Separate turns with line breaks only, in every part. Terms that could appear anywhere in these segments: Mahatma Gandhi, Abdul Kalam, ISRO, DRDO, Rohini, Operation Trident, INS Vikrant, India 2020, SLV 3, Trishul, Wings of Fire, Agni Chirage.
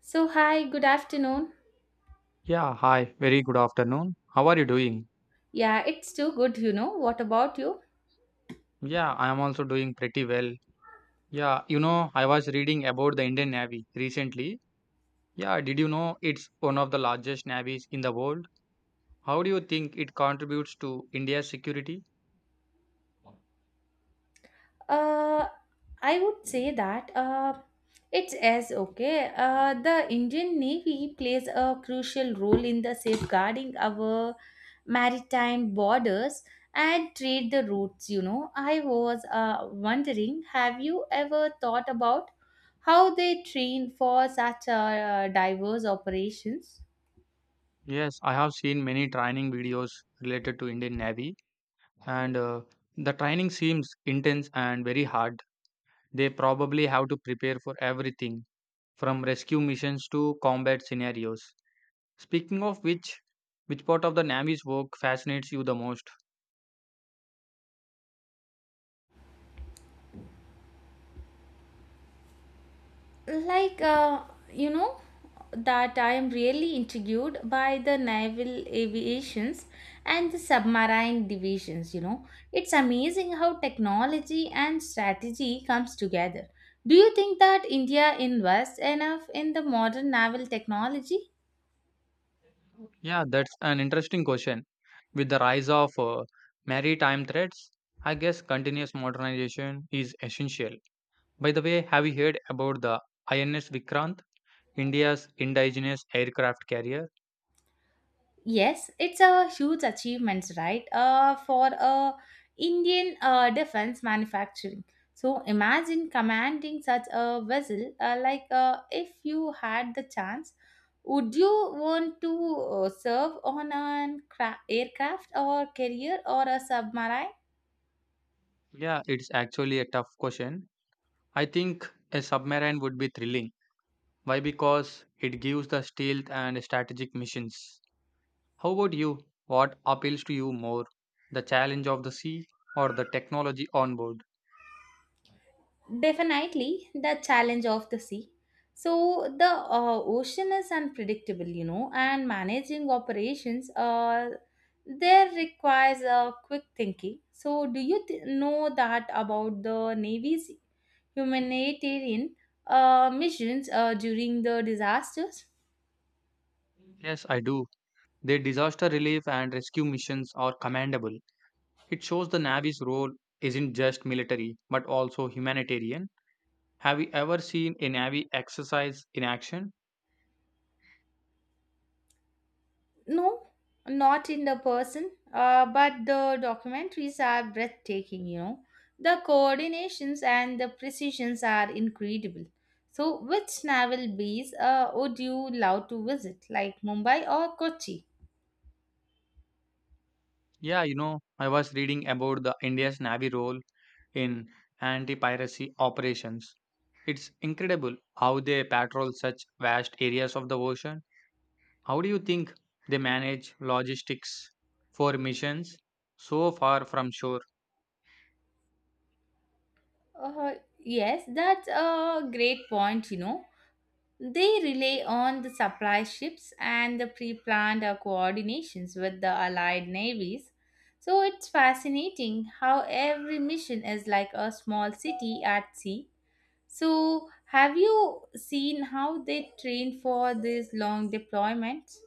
So, hi, good afternoon.
Yeah, hi. Very good afternoon. How are you doing?
Yeah, it's too good, you know. What about you?
Yeah, I am also doing pretty well. I was reading about the Indian Navy recently. Yeah, did you know it's one of the largest navies in the world? How do you think it contributes to India's security?
Uh, I would say that it's as okay. The Indian Navy plays a crucial role in the safeguarding our maritime borders and trade the routes, you know. I was wondering, have you ever thought about how they train for such diverse operations?
Yes, I have seen many training videos related to Indian Navy and the training seems intense and very hard. They probably have to prepare for everything from rescue missions to combat scenarios. Speaking of which part of the Navy's work fascinates you the most?
like uh, you know that I am really intrigued by the naval aviations and the submarine divisions, you know. It's amazing how technology and strategy comes together. Do you think that India invests enough in the modern naval technology?
Yeah, that's an interesting question. With the rise of maritime threats, I guess continuous modernization is essential. By the way, have you heard about the INS Vikrant, India's indigenous aircraft carrier?
Yes, it's a huge achievement, right? For a Indian defense manufacturing. So imagine commanding such a vessel. If you had the chance, would you want to serve on an aircraft or carrier or a submarine?
Yeah, it's actually a tough question. I think a submarine would be thrilling. Why? Because it gives the stealth and strategic missions. How about you? What appeals to you more? The challenge of the sea or the technology on board?
Definitely the challenge of the sea. So the ocean is unpredictable, you know, and managing operations there requires a quick thinking. So know that about the Navy's humanitarian missions during the disasters?
Yes, I do. Their disaster relief and rescue missions are commendable. It shows the Navy's role isn't just military but also humanitarian. Have you ever seen a Navy exercise in action?
No, not in the person, but the documentaries are breathtaking, you know. The coordinations and the precisions are incredible. So, which naval base would you love to visit, like Mumbai or Kochi?
I was reading about the India's Navy role in anti-piracy operations. It's incredible how they patrol such vast areas of the ocean. How do you think they manage logistics for missions so far from shore?
Yes, that's a great point, you know. They rely on the supply ships and the pre planned coordinations with the Allied navies. So it's fascinating how every mission is like a small city at sea. So, have you seen how they train for these long deployments?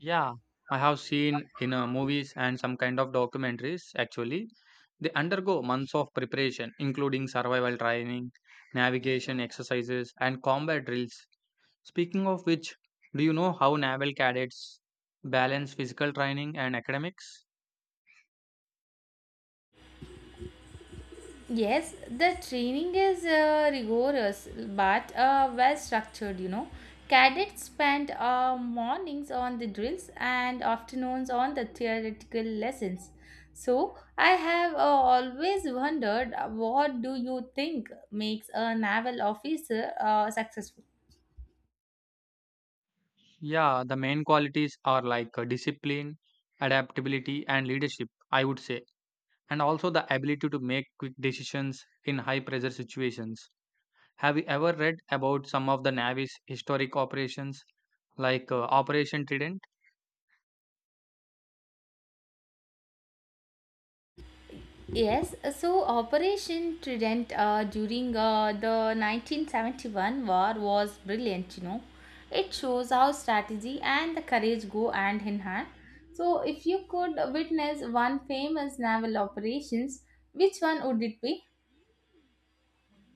Yeah, I have seen in movies and some kind of documentaries actually. They undergo months of preparation, including survival training, navigation exercises, and combat drills. Speaking of which, do you know how naval cadets balance physical training and academics?
Yes, the training is rigorous but well structured, you know. Cadets spend mornings on the drills and afternoons on the theoretical lessons. So, I have always wondered what do you think makes a naval officer successful?
Yeah, the main qualities are like discipline, adaptability, and leadership, I would say. And also the ability to make quick decisions in high pressure situations. Have you ever read about some of the Navy's historic operations like Operation Trident?
Yes, so Operation Trident during the 1971 war was brilliant, you know. It shows how strategy and the courage go hand in hand. So, if you could witness one famous naval operations, which one would it be?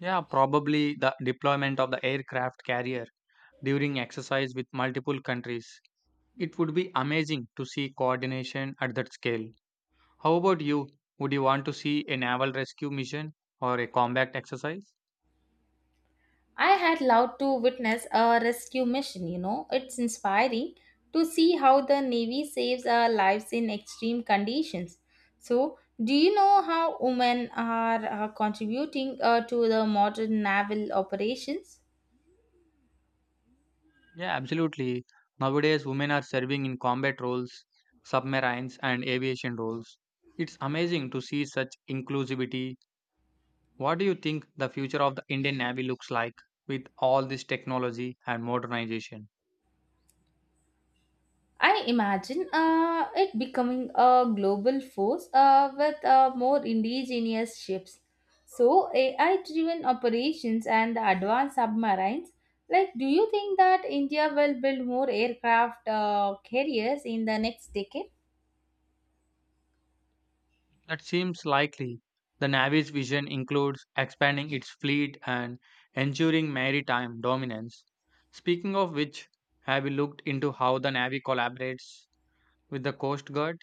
Yeah, probably the deployment of the aircraft carrier during exercise with multiple countries. It would be amazing to see coordination at that scale. How about you? Would you want to see a naval rescue mission or a combat exercise?
I had loved to witness a rescue mission, you know. It's inspiring to see how the Navy saves our lives in extreme conditions. So, do you know how women are contributing to the modern naval operations?
Yeah, absolutely. Nowadays, women are serving in combat roles, submarines, and aviation roles. It's amazing to see such inclusivity. What do you think the future of the Indian Navy looks like with all this technology and modernization?
I imagine it becoming a global force with more indigenous ships. So, AI driven operations and the advanced submarines. Like, do you think that India will build more aircraft carriers in the next decade?
That seems likely. The Navy's vision includes expanding its fleet and ensuring maritime dominance. Speaking of which, have you looked into how the Navy collaborates with the Coast Guard?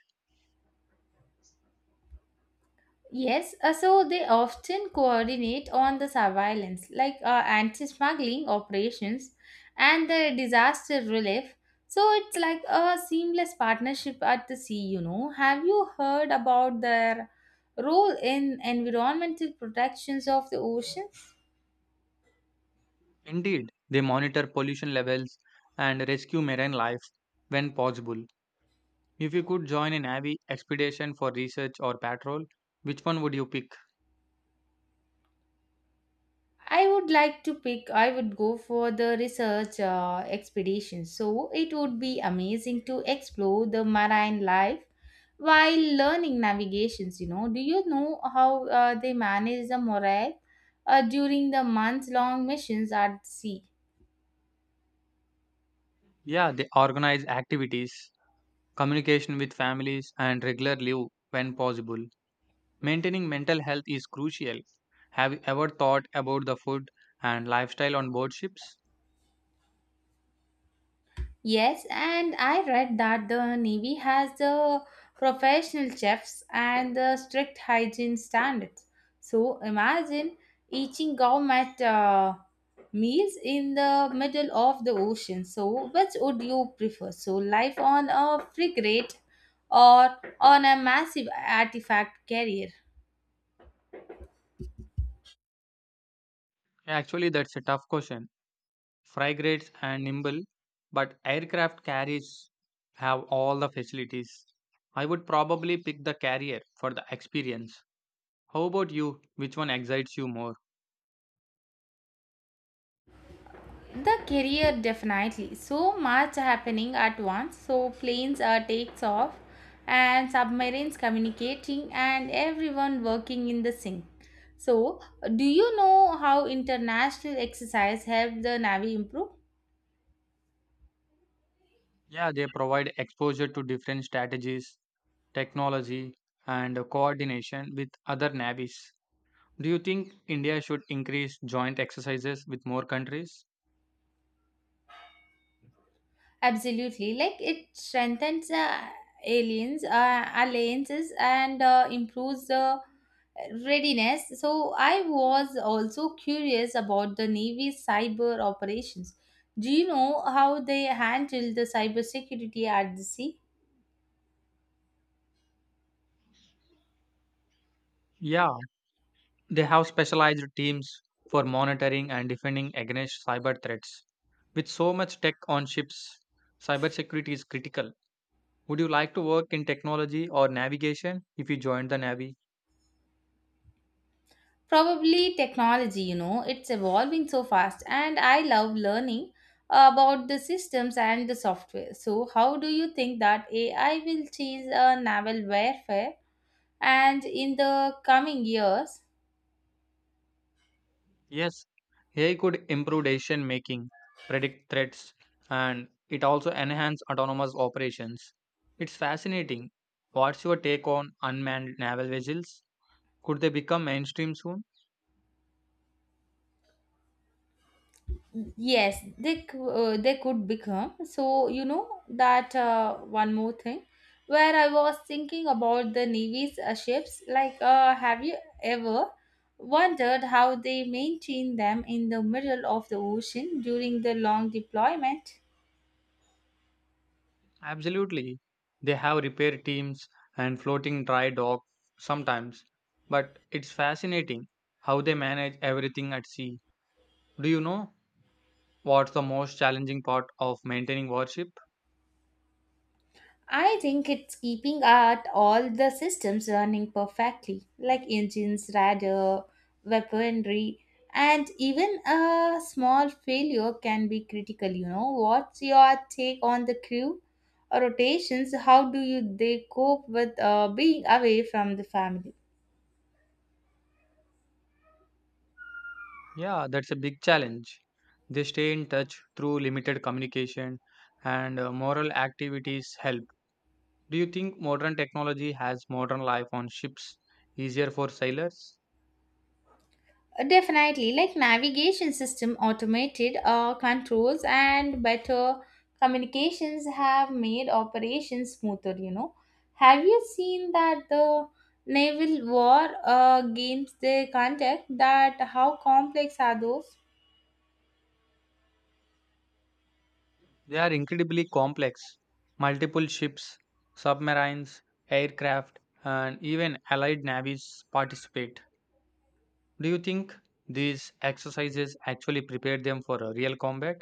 Yes, so they often coordinate on the surveillance, like anti smuggling operations and the disaster relief. So it's like a seamless partnership at the sea, you know. Have you heard about their role in environmental protections of the ocean?
Indeed, they monitor pollution levels and rescue marine life when possible. If you could join a Navy expedition for research or patrol, which one would you pick?
I would like to pick, I would go for the research expedition. So it would be amazing to explore the marine life while learning navigations. You know, do you know how they manage the morale during the month long missions at sea?
Yeah, they organize activities, communication with families, and regular leave when possible. Maintaining mental health is crucial. Have you ever thought about the food and lifestyle on board ships?
Yes, and I read that the Navy has the professional chefs and the strict hygiene standards. So imagine eating gourmet meals in the middle of the ocean. So which would you prefer? So life on a frigate or on a massive artifact carrier?
Actually, that's a tough question. Frigates and nimble, but aircraft carriers have all the facilities. I would probably pick the carrier for the experience. How about you? Which one excites you more?
The career definitely, so much happening at once. So planes are takes off and submarines communicating and everyone working in the sync. So do you know how international exercise help the navy improve?
Yeah, they provide exposure to different strategies, technology, and coordination with other navies. Do you think India should increase joint exercises with more countries?
Absolutely, like it strengthens the aliens alliances and improves the readiness. So I was also curious about the navy cyber operations. Do you know how they handle the cybersecurity at the sea?
Yeah, they have specialized teams for monitoring and defending against cyber threats. With so much tech on ships, cybersecurity is critical. Would you like to work in technology or navigation if you joined the Navy?
Probably technology, you know, it's evolving so fast, and I love learning about the systems and the software. So, how do you think that AI will change naval warfare? And in the coming years
Yes, AI could improve decision making, predict threats, and it also enhance autonomous operations. It's fascinating. What's your take on unmanned naval vessels? Could they become mainstream soon?
they could become. So you know that one more thing where I was thinking about the navy's ships, like have you ever wondered how they maintain them in the middle of the ocean during the long deployment?
Absolutely. They have repair teams and floating dry dock sometimes, but it's fascinating how they manage everything at sea. Do you know what's the most challenging part of maintaining worship?
I think it's keeping out all the systems running perfectly, like engines, radar, weaponry, and even a small failure can be critical. You know, what's your take on the crew rotations? How do you they cope with being away from the family?
Yeah, that's a big challenge. They stay in touch through limited communication and moral activities help. Do you think modern technology has modern life on ships easier for sailors?
Definitely, like navigation system, automated controls, and better communications have made operations smoother. You know, have you seen that the naval war games they conduct? That how complex are those?
They are incredibly complex. Multiple ships, submarines, aircraft, and even allied navies participate. Do you think these exercises actually prepare them for a real combat?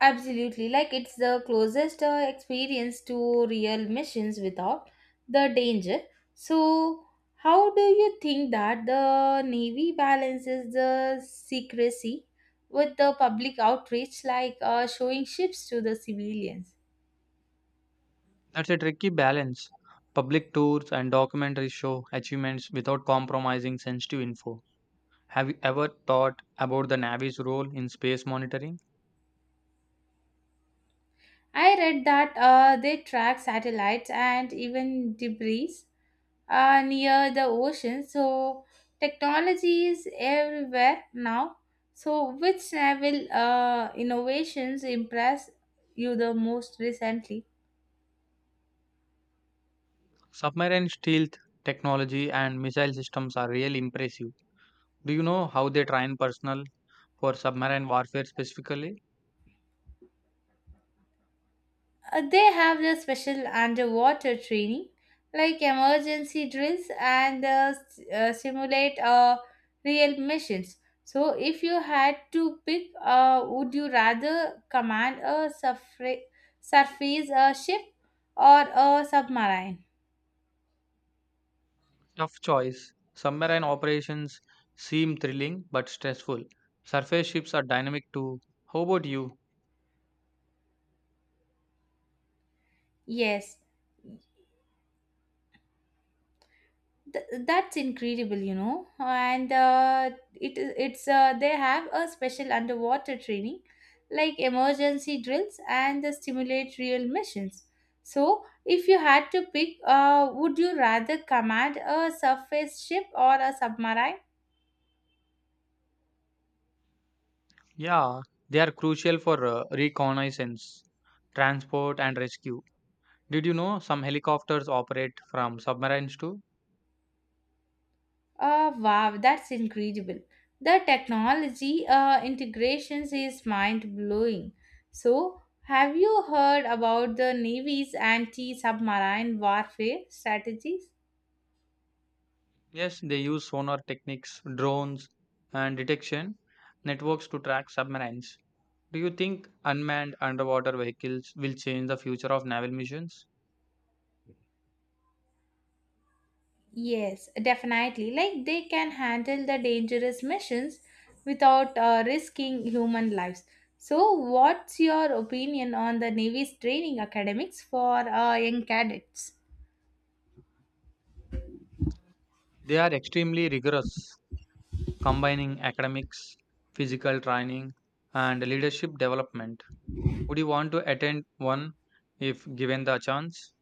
Absolutely, like it's the closest experience to real missions without the danger. So, how do you think that the Navy balances the secrecy with the public outreach, like showing ships to the civilians?
That's a tricky balance. Public tours and documentaries show achievements without compromising sensitive info. Have you ever thought about the Navy's role in space monitoring?
I read that they track satellites and even debris near the ocean. So technology is everywhere now. So which naval innovations impress you the most recently?
Submarine stealth technology and missile systems are really impressive. Do you know how they train personnel for submarine warfare specifically?
They have the special underwater training, like emergency drills and simulate real missions. So, if you had to pick, would you rather command a surface ship or a submarine?
Tough choice. Submarine operations seem thrilling but stressful. Surface ships are dynamic too. How about you?
Yes. Th- that's incredible, you know. It's they have a special underwater training, like emergency drills and the simulate real missions. So, if you had to pick, would you rather command a surface ship or a submarine?
Yeah, they are crucial for reconnaissance, transport, and rescue. Did you know some helicopters operate from submarines too?
Wow, that's incredible. The technology integrations is mind blowing. So, have you heard about the Navy's anti submarine warfare strategies?
Yes, they use sonar techniques, drones, and detection networks to track submarines. Do you think unmanned underwater vehicles will change the future of naval missions?
Yes, definitely. Like they can handle the dangerous missions without risking human lives. So, what's your opinion on the Navy's training academics for young cadets?
They are extremely rigorous, combining academics, physical training, and leadership development. Would you want to attend one if given the chance?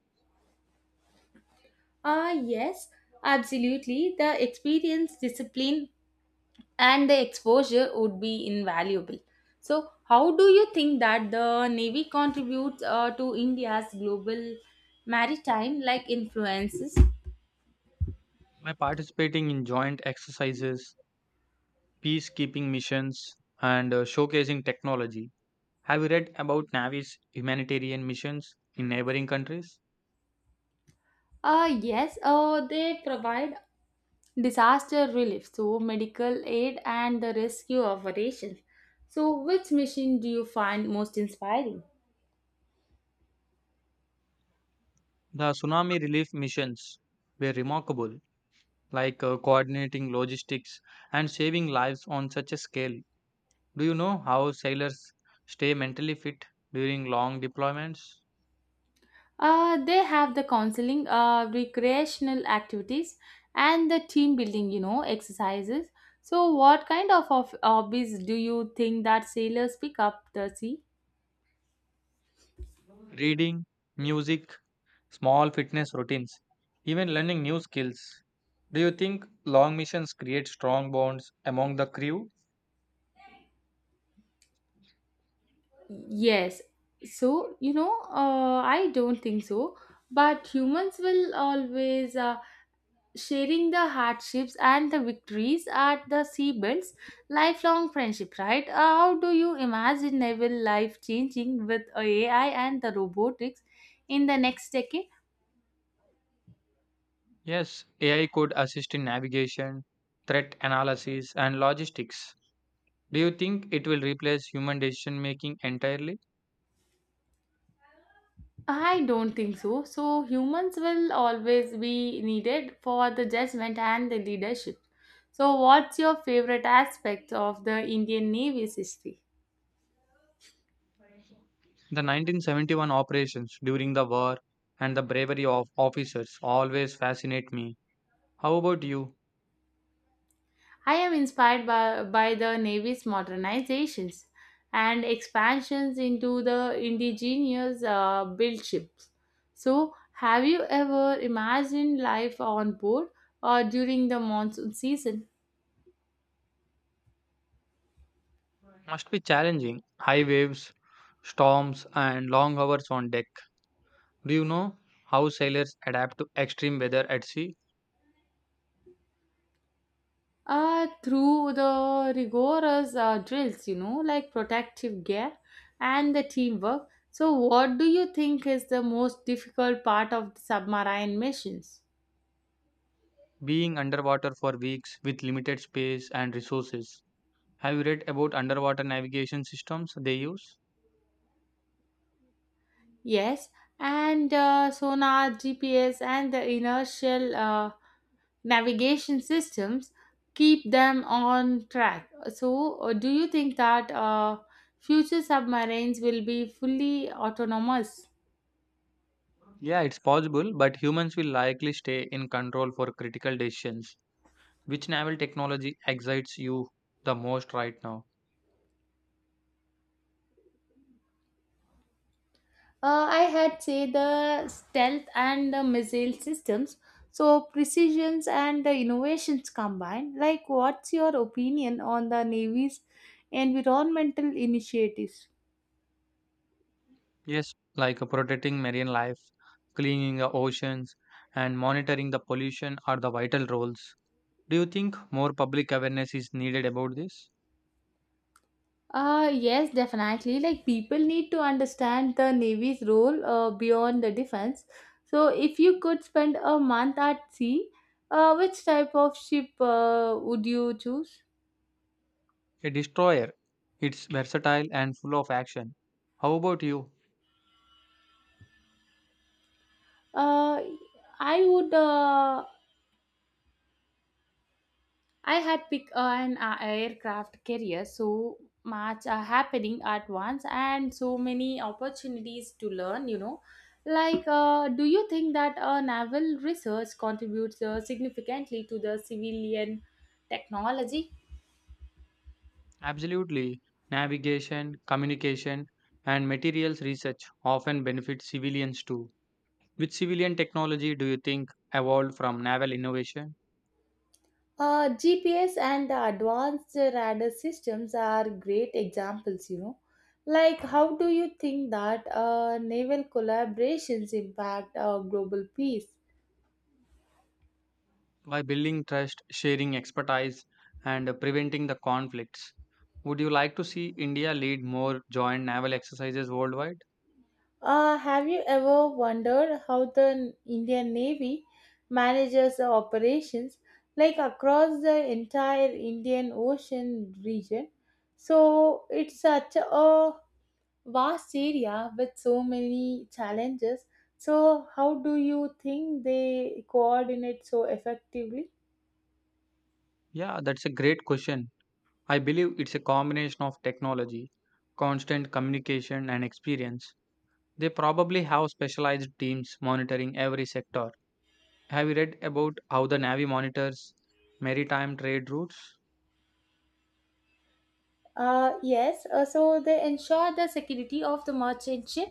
Yes, absolutely. The experience, discipline, and the exposure would be invaluable. So, how do you think that the Navy contributes to India's global maritime like influences?
By participating in joint exercises, peacekeeping missions, and showcasing technology. Have you read about Navy's humanitarian missions in neighboring countries?
Yes, they provide disaster relief, so medical aid and the rescue operations. So, which mission do you find most inspiring?
The tsunami relief missions were remarkable, like coordinating logistics and saving lives on such a scale. Do you know how sailors stay mentally fit during long deployments?
They have the counseling, recreational activities, and the team building, you know, exercises. So, what kind of hobbies do you think that sailors pick up the sea?
Reading, music, small fitness routines, even learning new skills. Do you think long missions create strong bonds among the crew?
Yes. So, you know, I don't think so. But humans will always sharing the hardships and the victories at the sea builds lifelong friendship, right? How do you imagine naval life changing with AI and the robotics in the next decade?
Yes, AI could assist in navigation, threat analysis, and logistics. Do you think it will replace human decision making entirely?
I don't think so. So humans will always be needed for the judgment and the leadership. So what's your favorite aspect of the Indian navy's history?
The 1971 operations during the war and the bravery of officers always fascinate me. How about you?
I am inspired by the Navy's modernizations and expansions into the indigenous built ships. So, have you ever imagined life on board or during the monsoon season?
Must be challenging. High waves, storms, and long hours on deck. Do you know how sailors adapt to extreme weather at sea,
Through the rigorous drills, you know, like protective gear and the teamwork. So, what do you think is the most difficult part of the submarine missions?
being underwater for weeks with limited space and resources? Have you read about underwater navigation systems they use?
Yes, and sonar, GPS, and the inertial navigation systems keep them on track. So, do you think that future submarines will be fully autonomous?
Yeah, it's possible, but humans will likely stay in control for critical decisions. Which naval technology excites you the most right now?
I had say the stealth and the missile systems. So precisions and the innovations combined. Like, what's your opinion on the Navy's environmental initiatives?
Yes, like protecting marine life, cleaning the oceans, and monitoring the pollution are the vital roles. Do you think more public awareness is needed about this?
Yes, definitely. Like people need to understand the Navy's role beyond the defense. So, if you could spend a month at sea, which type of ship would you choose?
A destroyer. It's versatile and full of action. How about you?
Uh, I would. I had picked an aircraft carrier, so much happening at once and so many opportunities to learn, you know. Like, do you think that naval research contributes significantly to the civilian technology?
Absolutely. Navigation, communication, and materials research often benefit civilians too. Which civilian technology do you think evolved from naval innovation?
GPS and the advanced radar systems are great examples, you know. Like, how do you think that naval collaborations impact global peace?
By building trust, sharing expertise, and preventing the conflicts. Would you like to see India lead more joint naval exercises worldwide?
Have you ever wondered how the Indian Navy manages the operations like across the entire Indian Ocean region? So it's such a vast area with so many challenges. So how do you think they coordinate so effectively?
Yeah, that's a great question. I believe it's a combination of technology, constant communication, and experience. They probably have specialized teams monitoring every sector. Have you read about how the Navy monitors maritime trade routes?
Yes, so they ensure the security of the merchant ship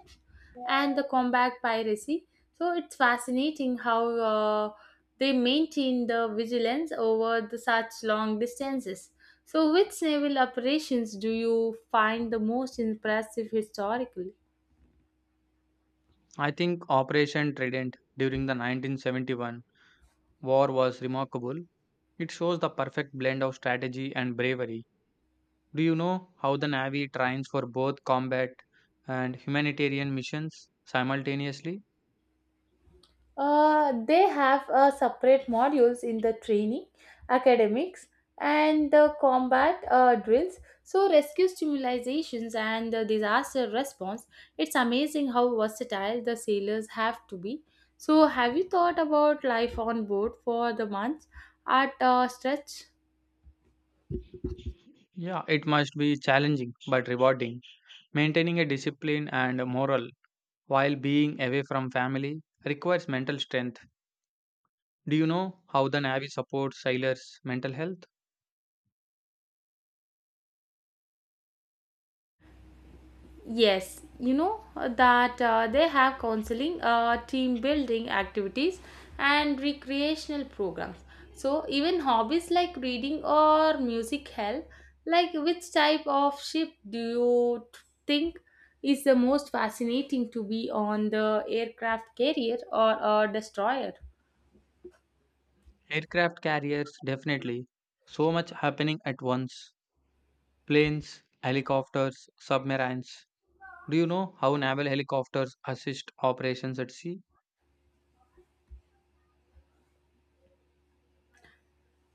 and the combat piracy. So it's fascinating how they maintain the vigilance over the such long distances. So, which naval operations do you find the most impressive historically?
I think Operation Trident during the 1971 war was remarkable. It shows the perfect blend of strategy and bravery. Do you know how the Navy trains for both combat and humanitarian missions simultaneously?
They have separate modules in the training, academics, and the combat drills. So, rescue stimulations and the disaster response. It's amazing how versatile the sailors have to be. So, have you thought about life on board for the months at a stretch?
Yeah, it must be challenging but rewarding. Maintaining a discipline and a moral while being away from family requires mental strength. Do you know how the Navy supports sailors' mental health?
Yes, you know that they have counseling, team building activities, and recreational programs. So, even hobbies like reading or music help. Like, which type of ship think is the most fascinating to be on, the aircraft carrier or a destroyer?
Aircraft carriers, definitely. So much happening at once. Planes, helicopters, submarines. Do you know how naval helicopters assist operations at sea?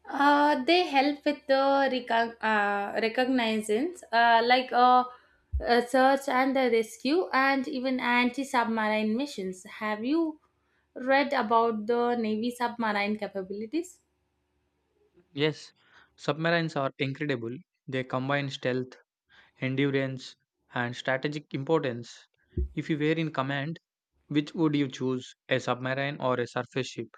They help with the recognizance, search and the rescue, and even anti submarine missions. Have you read about the Navy submarine capabilities?
Yes, submarines are incredible. They combine stealth, endurance, and strategic importance. If you were in command, which would you choose, a submarine or a surface ship?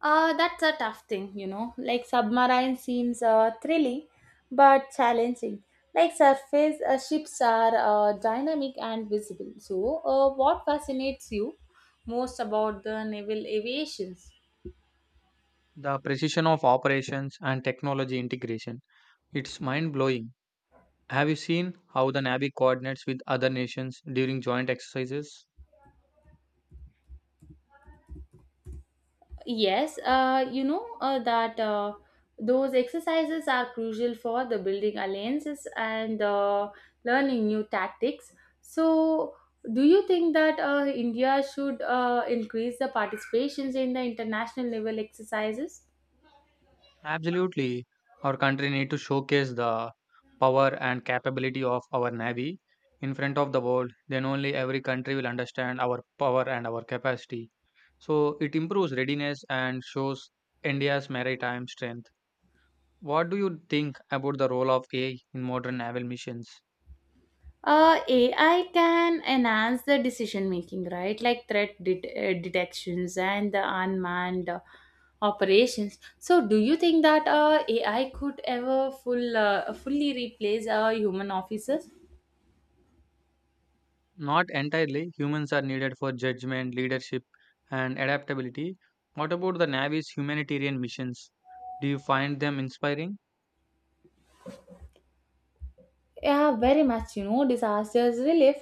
That's a tough thing, you know. Like, submarine seems thrilling but challenging. Like, surface ships are dynamic and visible. So, what fascinates you most about the naval aviations?
The precision of operations and technology integration. It's mind blowing. Have you seen how the Navy coordinates with other nations during joint exercises?
Yes, you know that those exercises are crucial for the building alliances and learning new tactics. So, do you think that India should increase the participations in the international level exercises?
Absolutely. Our country need to showcase the power and capability of our navy in front of the world. Then only every country will understand our power and our capacity. So it improves readiness and shows India's maritime strength. What do you think about the role of AI in modern naval missions?
uh AI can enhance the decision making, right? Like threat detections and the unmanned operations. So do you think that AI could ever fully replace human officers?
Not entirely. Humans are needed for judgment, leadership, and adaptability. What about the Navy's humanitarian missions? Do you find them inspiring?
Yeah, very much, you know. Disasters relief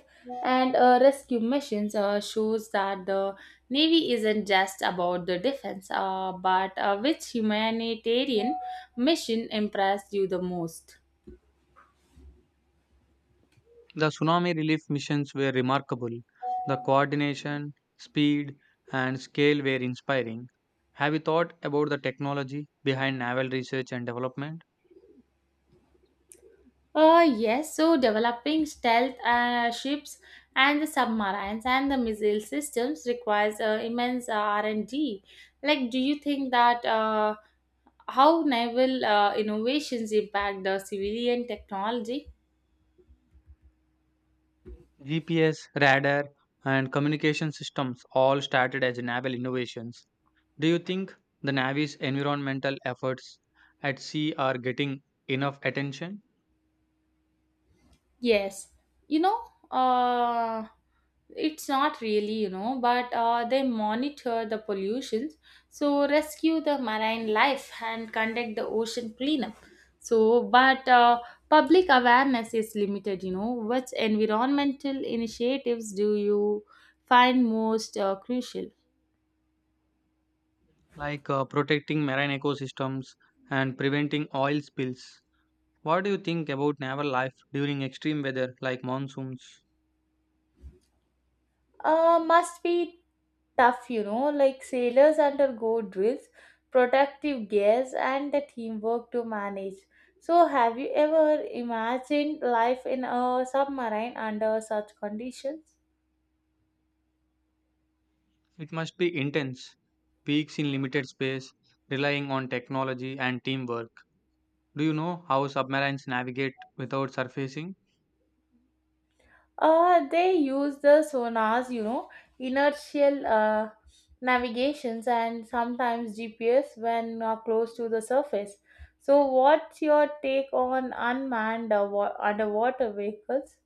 and rescue missions shows that the navy isn't just about the defense, but which humanitarian mission impressed you the most?
The tsunami relief missions were remarkable. The coordination, speed, and scale were inspiring. Have you thought about the technology behind naval research and development?
Yes, so developing stealth ships and the submarines and the missile systems requires immense R&D. Like, do you think that how naval innovations impact the civilian technology?
GPS, radar, and communication systems all started as naval innovations. Do you think the Navy's environmental efforts at sea are getting enough attention,
Yes, you know, uh, it's not really, you know, but they monitor the pollution, so rescue the marine life and conduct the ocean cleanup. So, but public awareness is limited, you know. Which environmental initiatives do you find most crucial?
like protecting marine ecosystems and preventing oil spills? What do you think about naval life during extreme weather like monsoons?
Must be tough, you know. Like sailors undergo drills, protective gears, and the teamwork to manage. So, have you ever imagined life in a submarine under such conditions?
It must be intense, weeks in limited space, relying on technology and teamwork. Do you know how submarines navigate without surfacing?
They use the sonars, you know, inertial navigations, and sometimes GPS when close to the surface. So, what's your take on unmanned underwater vehicles?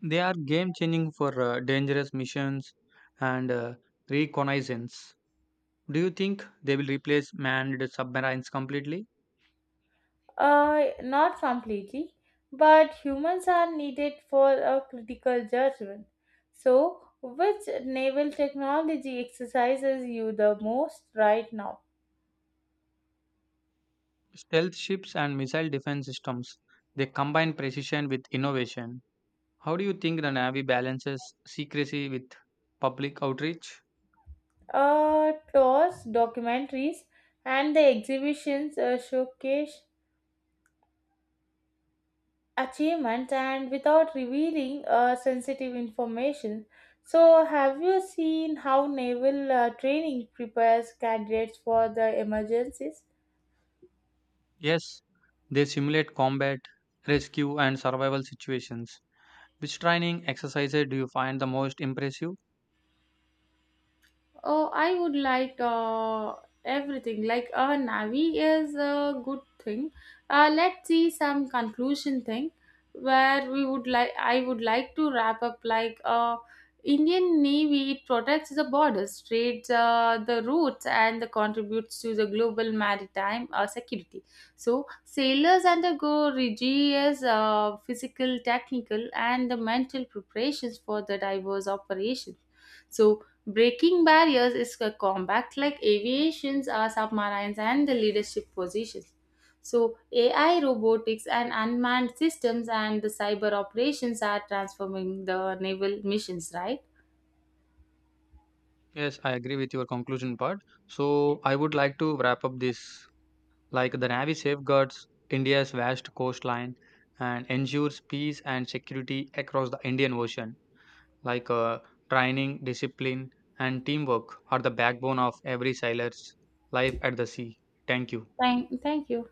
They are game changing for dangerous missions and reconnaissance. Do you think they will replace manned submarines completely?
Not completely, but humans are needed for a critical judgment. So, which naval technology exercises you the most right now?
Stealth ships and missile defense systems, they combine precision with innovation. How do you think the Navy balances secrecy with public outreach?
Tours, documentaries, and the exhibitions showcase achievements and without revealing sensitive information. So, have you seen how naval training prepares candidates for the emergencies?
Yes, they simulate combat, rescue, and survival situations. Which training exercises do you find the most impressive?
Oh, I would like everything. Like a Navi is a good thing. Let's see some conclusion thing where we would like. I would like to wrap up like Indian Navy it protects the borders, trades the routes, and contributes to the global maritime security. So sailors undergo rigorous physical, technical, and the mental preparations for the diverse operations. So breaking barriers is a combat like aviations or submarines and the leadership positions. So AI robotics and unmanned systems and the cyber operations are transforming the naval missions, right?
Yes, I agree with your conclusion part. So, I would like to wrap up this. Like the Navy safeguards India's vast coastline and ensures peace and security across the Indian Ocean. Like training, discipline, and teamwork are the backbone of every sailor's life at the sea. Thank you.
Thank, thank you.